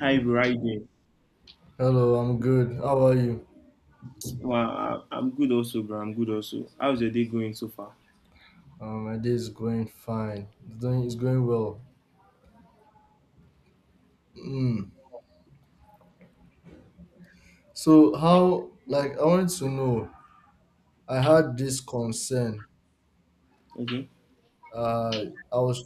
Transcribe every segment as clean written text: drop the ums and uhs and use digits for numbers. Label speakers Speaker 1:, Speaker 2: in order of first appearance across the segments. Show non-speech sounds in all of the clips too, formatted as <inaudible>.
Speaker 1: Hi, bro. How you doing?
Speaker 2: Hello, I'm good. How are you?
Speaker 1: Well, I'm good also, bro. I'm good also. How's your day going so far?
Speaker 2: My day is going fine. It's going well. Mm. So how like I wanted to know. I had this concern.
Speaker 1: Okay,
Speaker 2: Uh, I was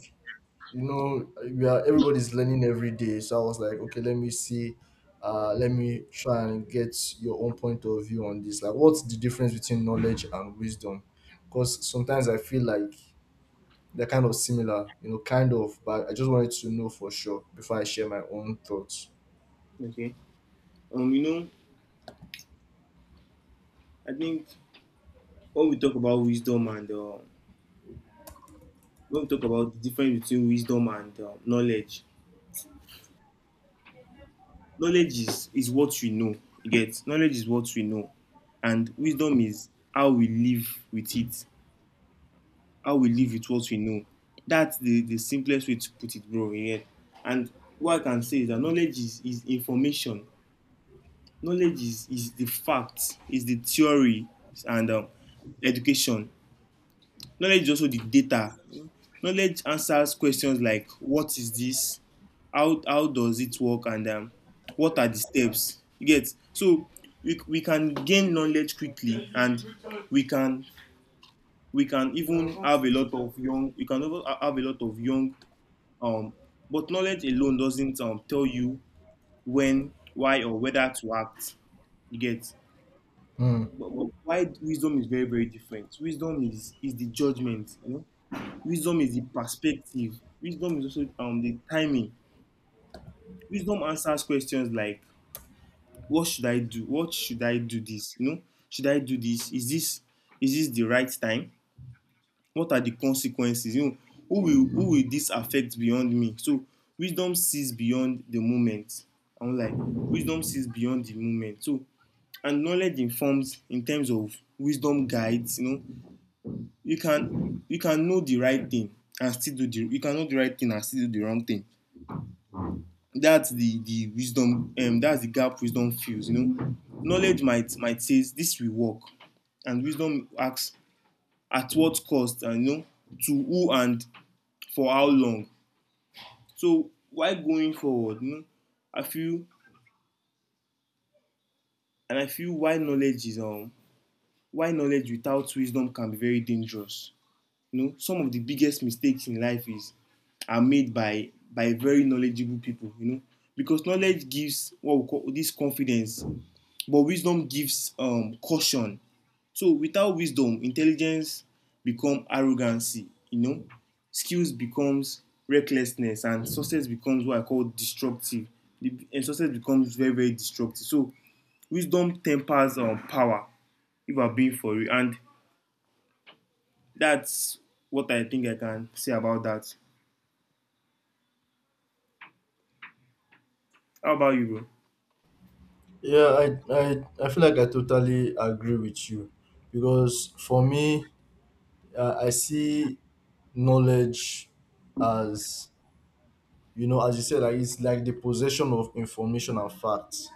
Speaker 2: you know we are everybody's learning every day. So I was like, okay, let me see. Let me try and get your own point of view on this. Like, what's the difference between knowledge and wisdom? Because sometimes I feel like they're kind of similar, kind of. But I just wanted to know for sure before I share my own thoughts.
Speaker 1: okay. You know, I think when we talk about wisdom and when we talk about the difference between wisdom and knowledge, knowledge is what we know. You get knowledge is what we know, and wisdom is how we live with it, how we live with what we know. That's the simplest way to put it, bro. You get. And what I can say is that knowledge is information. Knowledge is the facts, is the theory, and education. Knowledge is also the data. Knowledge answers questions like what is this, how does it work, and what are the steps. You get so we can gain knowledge quickly, and we can we can even have a lot of young. You can even have a lot of young. Um, but knowledge alone doesn't tell you when, why, or whether to act. You get
Speaker 2: Mm.
Speaker 1: but why wisdom is very, very different. Wisdom is the judgment, you know. Wisdom is the perspective. Wisdom is also the timing. Wisdom answers questions like what should I do, what should I do this, you know, should I do this, is this the right time, what are the consequences, you know, who will this affect beyond me? So wisdom sees beyond the moment. I'm like wisdom sees beyond the moment. So, and knowledge informs in terms of wisdom guides, you know. You can know the right thing and still do the you can know the right thing and still do the wrong thing. That's the wisdom. That's the gap wisdom fills, you know. Knowledge might say this will work, and wisdom asks at what cost, and you know, to who, and for how long. So why going forward, you know, i feel I feel why knowledge is why knowledge without wisdom can be very dangerous. You know, some of the biggest mistakes in life is are made by very knowledgeable people, you know, because knowledge gives what we call this confidence, but wisdom gives caution. So without wisdom, intelligence become arrogancy, you know. Skills becomes recklessness, and success becomes what I call destructive. And success becomes very, very destructive. So wisdom tempers power, if I'm being for you. And that's what I think I can say about that. How about you, bro?
Speaker 2: Yeah, I feel like I totally agree with you, because for me, I see knowledge as, you know, as you said, like it's like the possession of information and facts.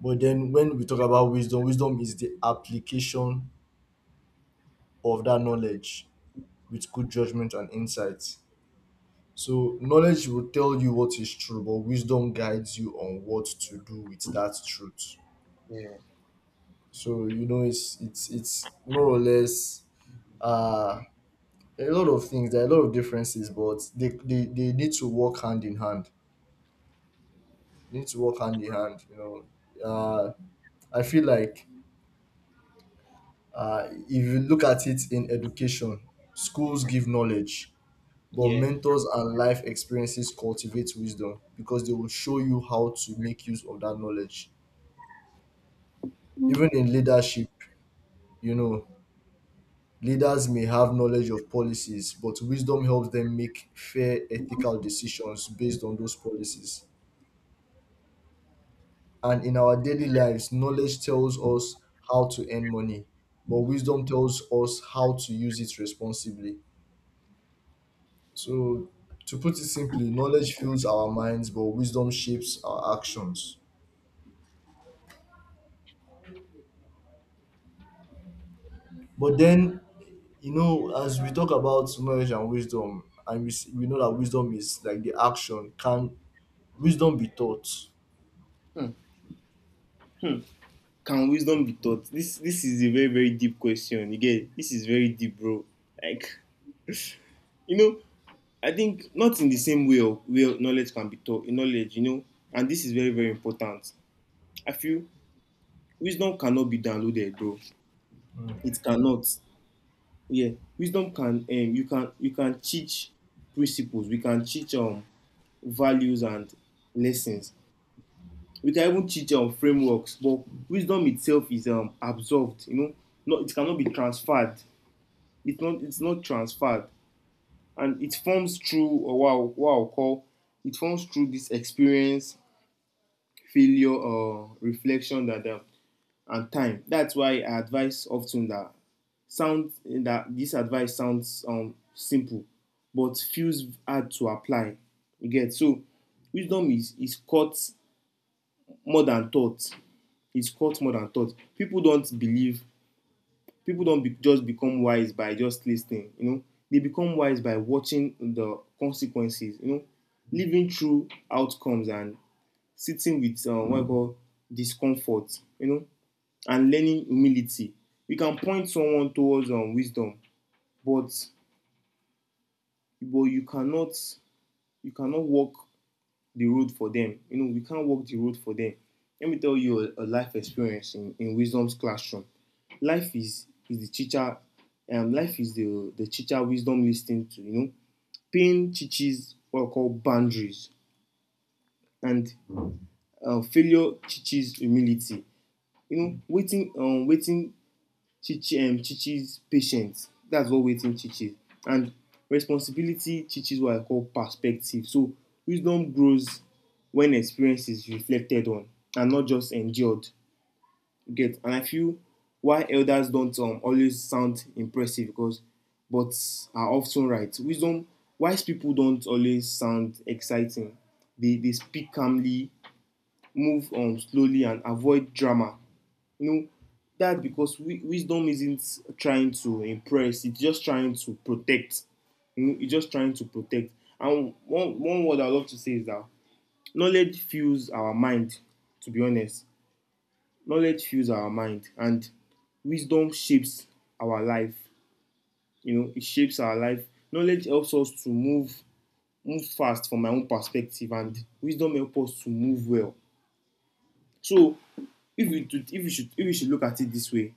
Speaker 2: But then when we talk about wisdom, wisdom is the application of that knowledge with good judgment and insight. So knowledge will tell you what is true, but wisdom guides you on what to do with that truth. So it's more or less uh, a lot of things. There are a lot of differences, but they need to work hand in hand. Need to work hand in hand. Know, uh, I feel like if you look at it in education, schools give knowledge, but mentors and life experiences cultivate wisdom because they will show you how to make use of that knowledge. Even in leadership, you know, leaders may have knowledge of policies, but wisdom helps them make fair ethical decisions based on those policies. And in our daily lives, knowledge tells us how to earn money, but wisdom tells us how to use it responsibly. So, to put it simply, knowledge fills our minds, but wisdom shapes our actions. But then, as we talk about knowledge and wisdom, and we know that wisdom is like the action, can wisdom be taught?
Speaker 1: Can wisdom be taught? This is a very, very deep question. You get it? This is very deep, bro. Like, you know, I think not in the same way knowledge can be taught. Knowledge, you know, and this is very, very important. I feel wisdom cannot be downloaded, bro.
Speaker 2: Mm.
Speaker 1: It cannot. Yeah, wisdom can. You can teach principles. We can teach values and lessons. We can even teach frameworks, but wisdom itself is absorbed. You know, not it cannot be transferred. It's not transferred, and it forms through, or what I'll call, it forms through this experience, failure, or reflection, that and time. That's why I advise often that sound that this advice sounds simple, but feels hard to apply. You get so wisdom is caught more than thought. It's caught more than thought. People don't just become wise by just listening, you know. They become wise by watching the consequences, you know, living through outcomes, and sitting with what I call discomfort, you know, and learning humility. You can point someone towards wisdom, but but you cannot you cannot walk the road for them. You know, we can't walk the road for them. Let me tell you a life experience in wisdom's classroom. Life is the teacher. Life is the teacher wisdom listening to. You know, pain teaches what we call boundaries, and failure teaches humility. You know, waiting, waiting Chichi, Chichi's patience. That's what waiting Chichi. And responsibility, Chichi's what I call perspective. So wisdom grows when experience is reflected on, and not just endured. You get and I feel why elders don't always sound impressive, because but are often right. Wisdom, wise people don't always sound exciting. They speak calmly, move slowly, and avoid drama. You know, that's because wisdom isn't trying to impress, it's just trying to protect. You know, it's just trying to protect. And one word I love to say is that knowledge fuels our mind, to be honest. Knowledge fuels our mind, and wisdom shapes our life. You know, it shapes our life. Knowledge helps us to move fast from my own perspective, and wisdom helps us to move well. So, if you should look at it this way,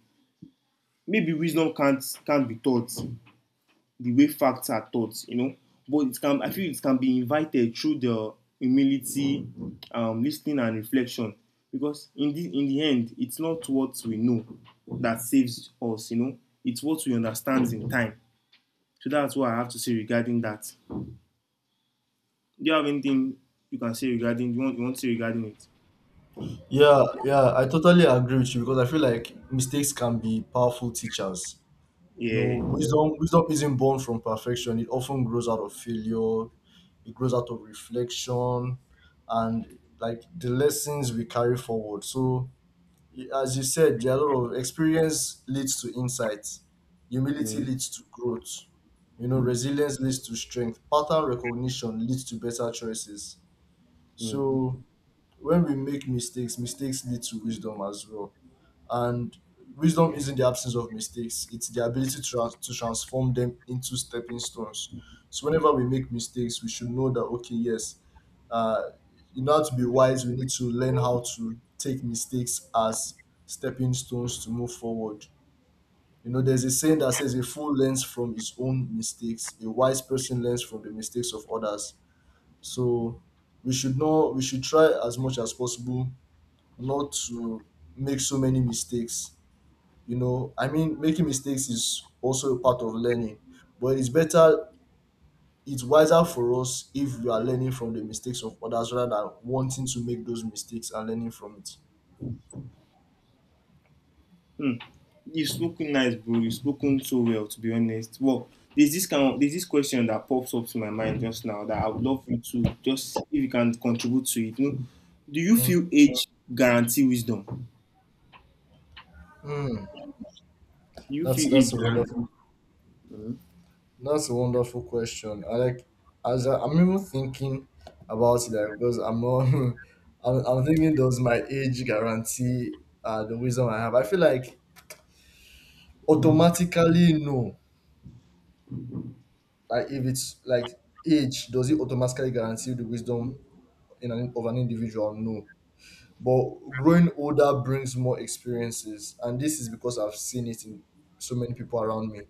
Speaker 1: maybe wisdom can't be taught the way facts are taught, you know. But it can I feel it can be invited through the humility, listening, and reflection. Because in the end, it's not what we know that saves us, you know. It's what we understand in time. So that's what I have to say regarding that. Do you have anything you want to say regarding it?
Speaker 2: Yeah, yeah, I totally agree with you, because I feel like mistakes can be powerful teachers you
Speaker 1: Yeah.
Speaker 2: know Wisdom isn't born from perfection. It often grows out of failure. It grows out of reflection and like the lessons we carry forward. So as you said, there are a lot of experience leads to insight, humility
Speaker 1: Mm,
Speaker 2: leads to growth, resilience leads to strength, pattern recognition leads to better choices.
Speaker 1: mm.
Speaker 2: So when we make mistakes, mistakes lead to wisdom as well. And wisdom isn't the absence of mistakes, it's the ability to transform them into stepping stones. So whenever we make mistakes, we should know that, okay, yes, uh, in order to be wise, we need to learn how to take mistakes as stepping stones to move forward. There's a saying that says a fool learns from his own mistakes, a wise person learns from the mistakes of others. So we should not we should try as much as possible not to make so many mistakes. I mean making mistakes is also a part of learning. But it's wiser for us if we are learning from the mistakes of others rather than wanting to make those mistakes and learning from it.
Speaker 1: Hmm. You've spoken nice, bro. You've spoken so well, to be honest. Well, there's this question that pops up to my mind just now that I would love you to just, if you can, contribute to it. You know, do you
Speaker 2: Mm,
Speaker 1: feel age guarantee wisdom? Do
Speaker 2: mm.
Speaker 1: you
Speaker 2: That's
Speaker 1: feel age
Speaker 2: that's a wonderful
Speaker 1: guarantee? Mhm.
Speaker 2: That's a wonderful question. I like As I'm even thinking about it, like, because I'm not <laughs> I'm thinking, does my age guarantee the wisdom I have? I feel like automatically no. Like if it's like age, does it automatically guarantee the wisdom in an of an individual? No. But growing older brings more experiences, and this is because I've seen it in so many people around me.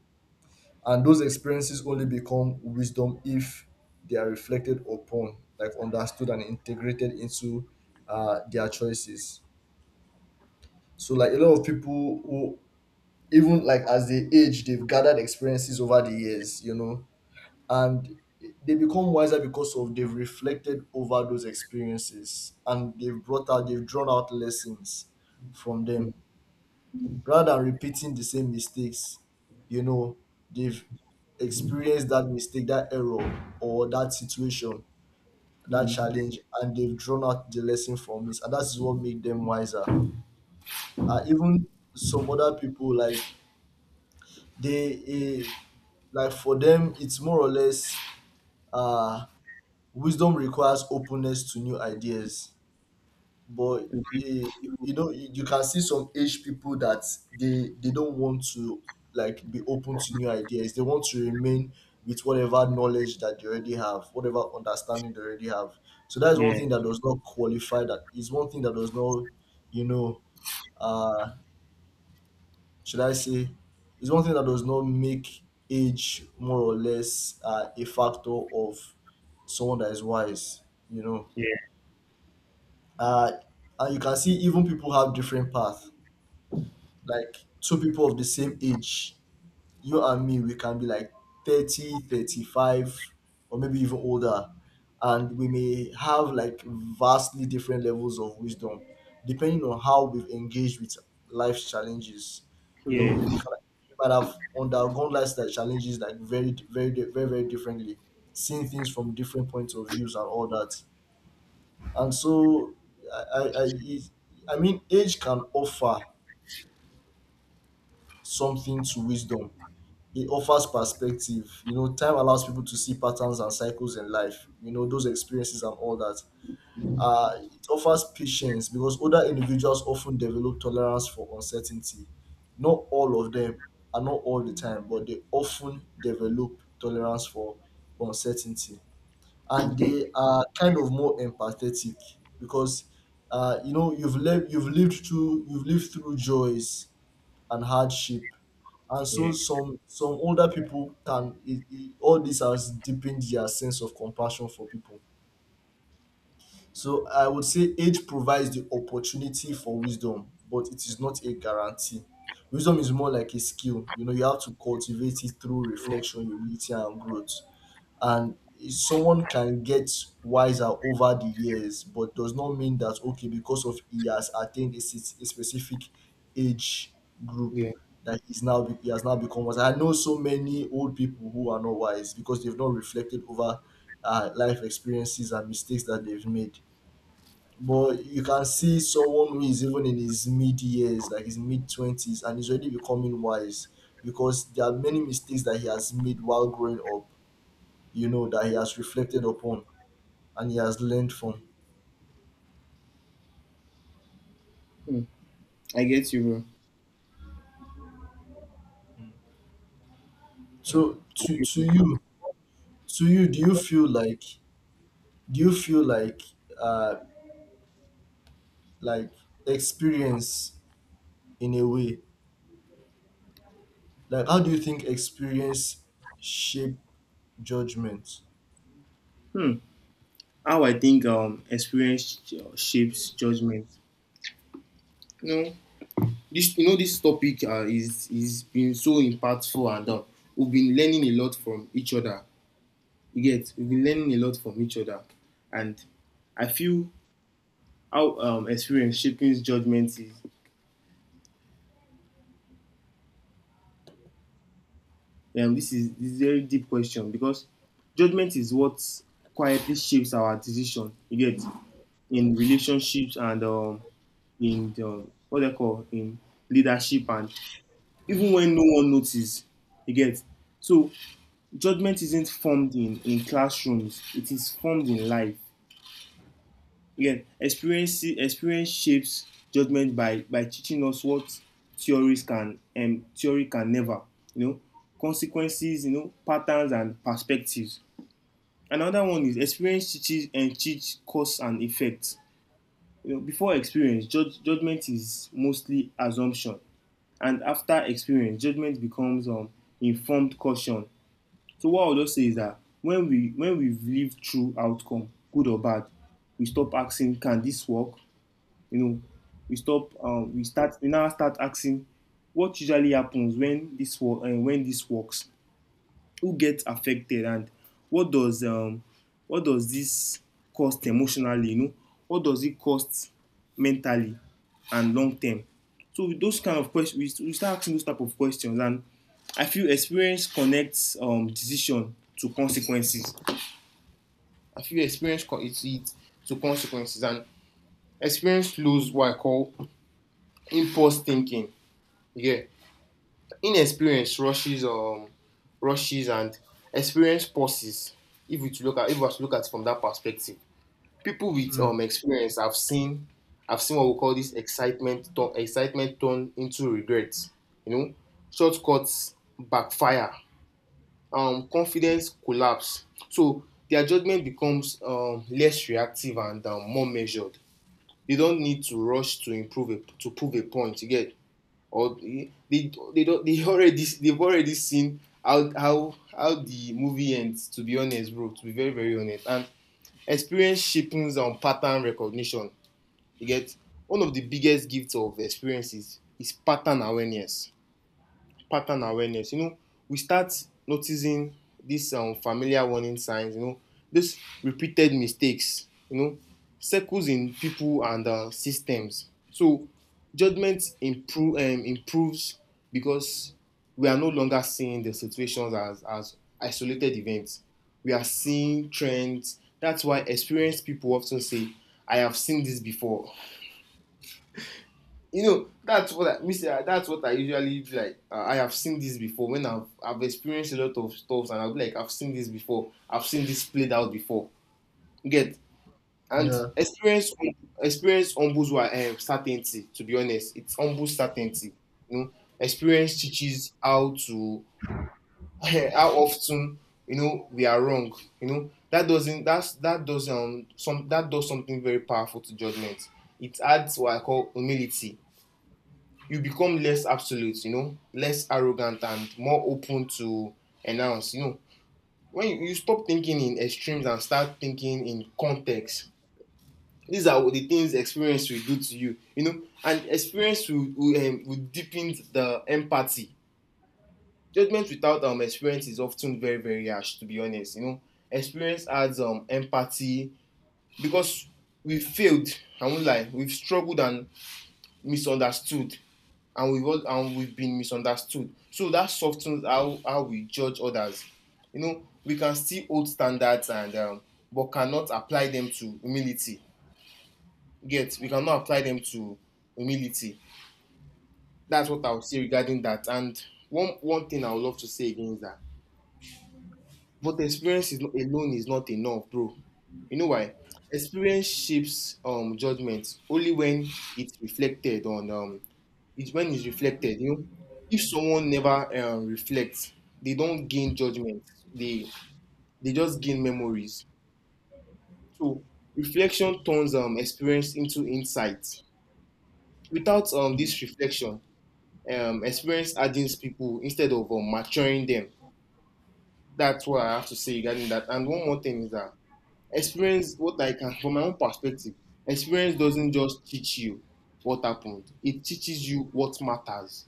Speaker 2: And those experiences only become wisdom if they are reflected upon, like understood and integrated into their choices. So, like a lot of people who, even like as they age, they've gathered experiences over the years, and they become wiser because of they've reflected over those experiences and they've drawn out lessons from them, rather than repeating the same mistakes. you know they've experienced that mistake, that error, or that situation, that challenge, and they've drawn out the lesson from it, and that's what made them wiser. Even some other people, like they like for them it's more or less uh wisdom requires openness to new ideas. But
Speaker 1: Mhm.
Speaker 2: eh, you can see some age people that they don't want to, like, be open to new ideas. They want to remain with whatever knowledge that they already have, whatever understanding they already have. So that's one
Speaker 1: Yeah,
Speaker 2: thing that does not qualify. That is one thing that does not, you know, uh should I say, is one thing that does not make age more or less a factor of someone that is wise, you know.
Speaker 1: yeah,
Speaker 2: Uh and you can see even people have different paths. Like two people of the same age, you and me, we can be like 30, 35, or maybe even older, and we may have like vastly different levels of wisdom depending on how we've engaged with life's challenges. We
Speaker 1: yeah,
Speaker 2: can we might have undergone life's challenges like very very very very differently, seeing things from different points of views and all that. And so i i i, I mean age can offer something to wisdom. It offers perspective. You know, time allows people to see patterns and cycles in life, you know, those experiences and all that. It offers patience because older individuals often develop tolerance for uncertainty. Not all of them, and not all the time, but they often develop tolerance for uncertainty. And they are kind of more empathetic because, you know, you've lived through joys and hardship. And so
Speaker 1: yeah,
Speaker 2: some older people can, it, all this has deepened their sense of compassion for people. So I would say age provides the opportunity for wisdom, but it is not a guarantee. Wisdom is more like a skill. You know, you have to cultivate it through reflection, humility, and growth. And someone can get wiser over the years, but does not mean that, okay, because of he has attained a, a specific age group,
Speaker 1: yeah.
Speaker 2: that is now he has now become wise. I know so many old people who are not wise because they've not reflected over life experiences and mistakes that they've made. But you can see someone who is even in his mid years, like his mid 20s, and he's already becoming wise because there are many mistakes that he has made while growing up, you know, that he has reflected upon and he has learned from.
Speaker 1: Mm. I get you, bro.
Speaker 2: So
Speaker 1: I get
Speaker 2: to
Speaker 1: you.
Speaker 2: you, to you, do you feel like, do you feel like, uh like experience, in a way, like how do you think experience shape judgment?
Speaker 1: Hmm. How I think experience shapes judgment. No, this, you know, this topic, is been so impactful, and we've been learning a lot from each other. You get we've been learning a lot from each other. And I feel how, experience shaping judgment is, this is a very deep question, because judgment is what quietly shapes our decision. You get in relationships, and in the, what they call, in leadership, and even when no one notices. You get so judgment isn't formed in classrooms, it is formed in life. Again, experience shapes judgment by teaching us what theories can theory can never, you know, consequences, you know, patterns and perspectives. Another one is experience teaches and teach cause and effect. You know, before experience, judgment is mostly assumption, and after experience, judgment becomes informed caution. So what I would just say is that when we've lived through outcome, good or bad, we stop asking, can this work? You know, we stop. We start. We now start asking, what usually happens when this work, and when this works? Who gets affected, and what does um, what does this cost emotionally? You know, what does it cost mentally, and long term? So with those kind of questions, we start asking those type of questions. And I feel experience connects decision to consequences, and experience flows what I call impulse thinking. Yeah, inexperience rushes, and experience pauses. If we to look at if we to look at it from that perspective, people with
Speaker 2: Mm.
Speaker 1: experience, I've seen what we call this excitement turn into regret, you know, shortcuts backfire, confidence collapse. So their judgment becomes less reactive, and more measured. They don't need to rush to prove a point. You get, or they don't they already they've already seen how the movie ends, to be honest, bro, to be very, very honest. And experience cheapens on pattern recognition. You get one of the biggest gifts of experiences is pattern awareness. Pattern awareness. You know, we start noticing these familiar warning signs, you know, these repeated mistakes, you know, circles in people and systems. So judgment improves, because we are no longer seeing the situations as isolated events. We are seeing trends. That's why experienced people often say, I have seen this before, you know, that's what I, Mister. That's what I usually do. Like, I have seen this before. When I've experienced a lot of stuff, and I'll be like, I've seen this before. I've seen this played out before. You get. And
Speaker 2: Yeah,
Speaker 1: experience humbles certainty. To be honest, it's humbles certainty. You know, experience teaches how to <laughs> how often, you know, we are wrong. You know that doesn't that's that does some that does something very powerful to judgment. It adds what I call humility. You become less absolute, you know, less arrogant, and more open to announce, you know. When you stop thinking in extremes and start thinking in context, these are what the things experience will do to you, you know. And experience will deepen the empathy. Judgment without experience is often very, very harsh, to be honest, you know. Experience adds empathy, because we failed, I won't lie, we've struggled and misunderstood, and we've been misunderstood. So that softens how we judge others. You know, we can see old standards and but cannot apply them to humility. Yet we cannot apply them to humility. That's what I would say regarding that. And one thing I would love to say again is that but experience is not, alone is not enough, bro. You know why? Experience shapes judgment only when it's reflected on. It's when it's reflected, you know. If someone never reflects, they don't gain judgment. They they just gain memories. So reflection turns experience into insight. Without this reflection, experience hardens people instead of maturing them. That's what I have to say regarding that. And one more thing is that experience, what I can, from my own perspective, experience doesn't just teach you what happened. It teaches you what matters.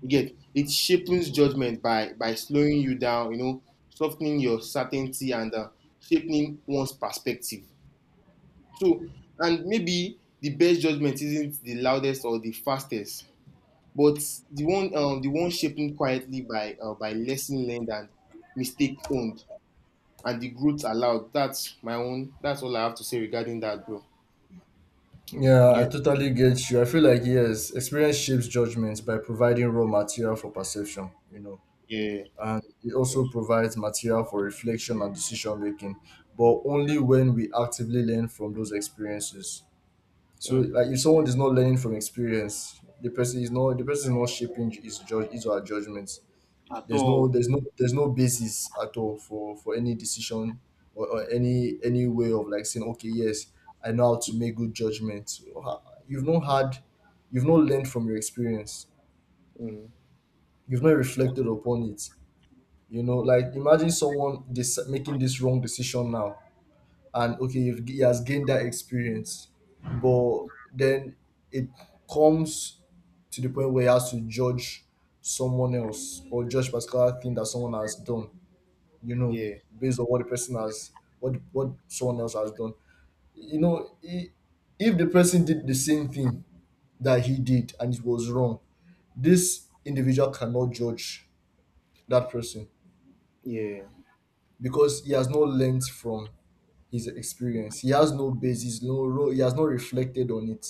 Speaker 1: You get it shapens judgment by slowing you down, you know, softening your certainty, and shaping one's perspective. So, and maybe the best judgment isn't the loudest or the fastest, but the one shaping quietly by lesson learned, and mistake owned, and the growth allowed. That's my own. That's all I have to say regarding that, bro.
Speaker 2: yeah,
Speaker 1: Yeah,
Speaker 2: I totally get you. I feel like yes, experience shapes judgments by providing raw material for perception, you know.
Speaker 1: yeah,
Speaker 2: And it
Speaker 1: yeah.
Speaker 2: also provides material for reflection and decision making, but only when we actively learn from those experiences. So,
Speaker 1: Mm,
Speaker 2: like if someone is not learning from experience, the person is not shaping his judge, his or her judgments. There's no basis at all for any decision, or any way of like saying, okay, yes, I know how to make good judgments. You've not had you've not learned from your experience.
Speaker 1: mm,
Speaker 2: You've not reflected upon it, you know. Like imagine someone making this wrong decision now, and okay, if he has gained that experience, but then it comes to the point where he has to judge someone else or judge particular thing that someone has done. You know,
Speaker 1: yeah,
Speaker 2: based on what the person has, what someone else has done. You know, if the person did the same thing that he did and it was wrong, this individual cannot judge that person
Speaker 1: yeah,
Speaker 2: because he has not learned from his experience. He has no basis, no role. He has not reflected on it,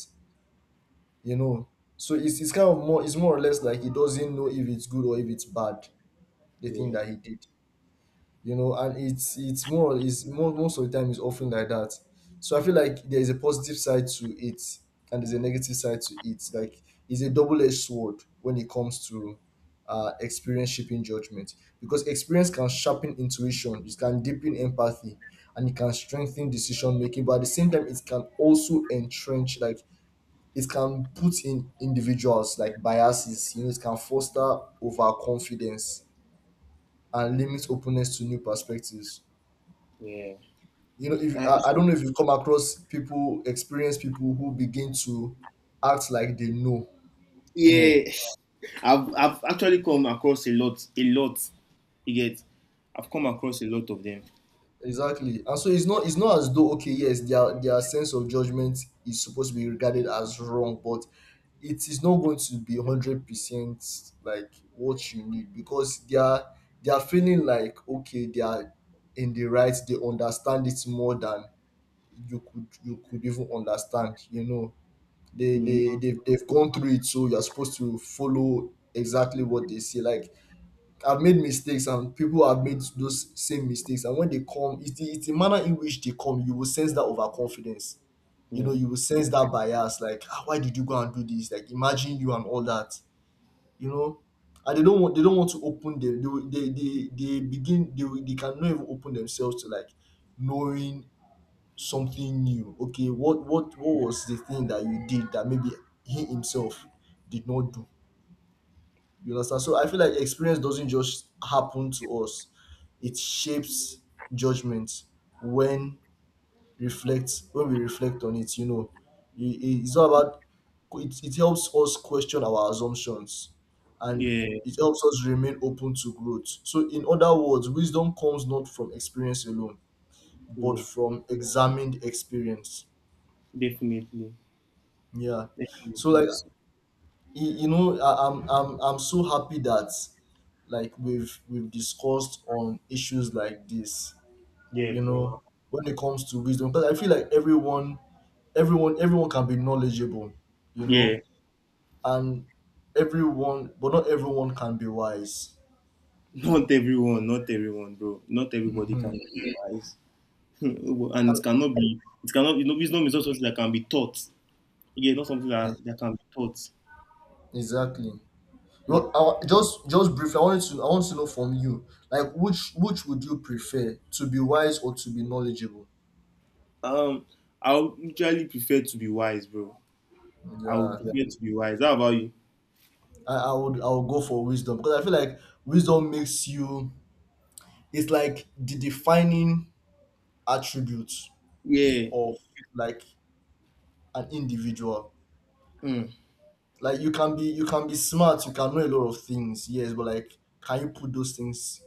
Speaker 2: you know. So it's kind of more, it's more or less like he doesn't know if it's good or if it's bad, the thing
Speaker 1: yeah,
Speaker 2: that he did, you know. And it's more, is more, most of the time, it's often like that. So I feel like there is a positive side to it, and there's a negative side to it. Like it's a double-edged sword when it comes to experience shaping judgment. Because experience can sharpen intuition, it can deepen empathy, and it can strengthen decision making. But at the same time, it can also entrench, like it can put in individuals like biases, you know, it can foster overconfidence and limit openness to new perspectives.
Speaker 1: yeah.
Speaker 2: You know, if
Speaker 1: Uh,
Speaker 2: I
Speaker 1: so,
Speaker 2: don't know if you come across people, experienced people who begin to act like they know more.
Speaker 1: yeah. I've actually come across a lot, a lot. You get, I've come across a lot of them.
Speaker 2: Exactly. And so it's not, it's not as though, okay, yes, their sense of judgment is supposed to be regarded as wrong, but it is not going to be 100% like what you need because they are, they are feeling like okay they are in the right, they understand it more than you could, you could even understand, you know. they
Speaker 1: Mhm.
Speaker 2: they they've, they've gone through it, so you're supposed to follow exactly what they say. Like I've made mistakes and people have made those same mistakes. And when they come, it's the manner in which they come, you will sense that overconfidence, you know. You will sense that bias, like, ah, why did you go and do this, like imagine you and all that, you know. And they don't want, they don't want to open them. They begin, they, they can not even open themselves to, like, knowing something new. Okay, what was the thing that you did that maybe he himself did not do? You understand? So I feel like experience doesn't just happen to us. It shapes judgment when reflects when we reflect on it, you know. It, it's all about, it helps us question our assumptions and
Speaker 1: Yeah, yeah,
Speaker 2: it helps us remain open to growth. So in other words, wisdom comes not from experience alone, but
Speaker 1: yeah,
Speaker 2: from examined experience.
Speaker 1: definitely,
Speaker 2: Yeah. So
Speaker 1: definitely.
Speaker 2: like, you know I, I'm so happy that like we've discussed on issues like this,
Speaker 1: Yeah,
Speaker 2: you
Speaker 1: bro.
Speaker 2: know, when it comes to wisdom, because I feel like everyone, everyone can be knowledgeable, you
Speaker 1: Yeah,
Speaker 2: know. And everyone, but not everyone can be wise.
Speaker 1: not everyone, not everyone, bro. Not everybody
Speaker 2: Mm-hmm.
Speaker 1: can be wise, <laughs> and
Speaker 2: And
Speaker 1: it cannot be. It cannot. You know, wisdom is not something that can be taught. Yeah, not something
Speaker 2: e-
Speaker 1: that can be taught.
Speaker 2: exactly.
Speaker 1: Yeah.
Speaker 2: Well, just briefly I wanted to, I want to know from you, like, which would you prefer, to be wise or to be knowledgeable?
Speaker 1: Um, I would usually prefer to be wise, bro. I would
Speaker 2: Yeah,
Speaker 1: prefer to be wise. How about you?
Speaker 2: I would, I would go for wisdom because I feel like wisdom makes you, it's like the defining attribute
Speaker 1: Yeah.
Speaker 2: of, like, an individual.
Speaker 1: Mm.
Speaker 2: Like you can be, you can be smart, you can know a lot of things, yes, but like can you put those things,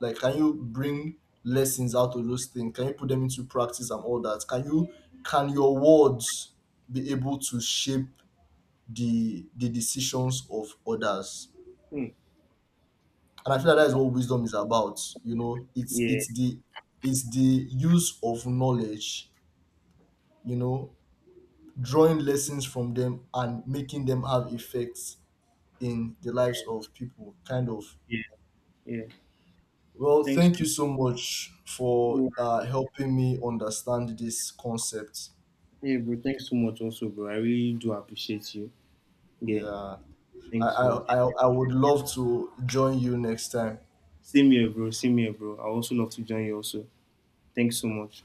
Speaker 2: like can you bring lessons out of those things? Can you put them into practice and all that? Can you, can your words be able to shape the decisions of others?
Speaker 1: Mm.
Speaker 2: And I feel like that is what wisdom is about. You know, it's
Speaker 1: Yeah.
Speaker 2: it's the, it's the use of knowledge. You know, drawing lessons from them and making them have effects in the lives of people. Kind of.
Speaker 1: Yeah.
Speaker 2: Well,
Speaker 1: Thanks.
Speaker 2: thank you so much for
Speaker 1: Yeah,
Speaker 2: helping me understand this concept.
Speaker 1: yeah, bro. Thanks so much, also, bro. I really do appreciate you. Yeah.
Speaker 2: Yeah,
Speaker 1: Thanks so much.
Speaker 2: I would love to join you next time.
Speaker 1: Same here, bro. Same here, bro. I also love to join you, also. Thanks so much.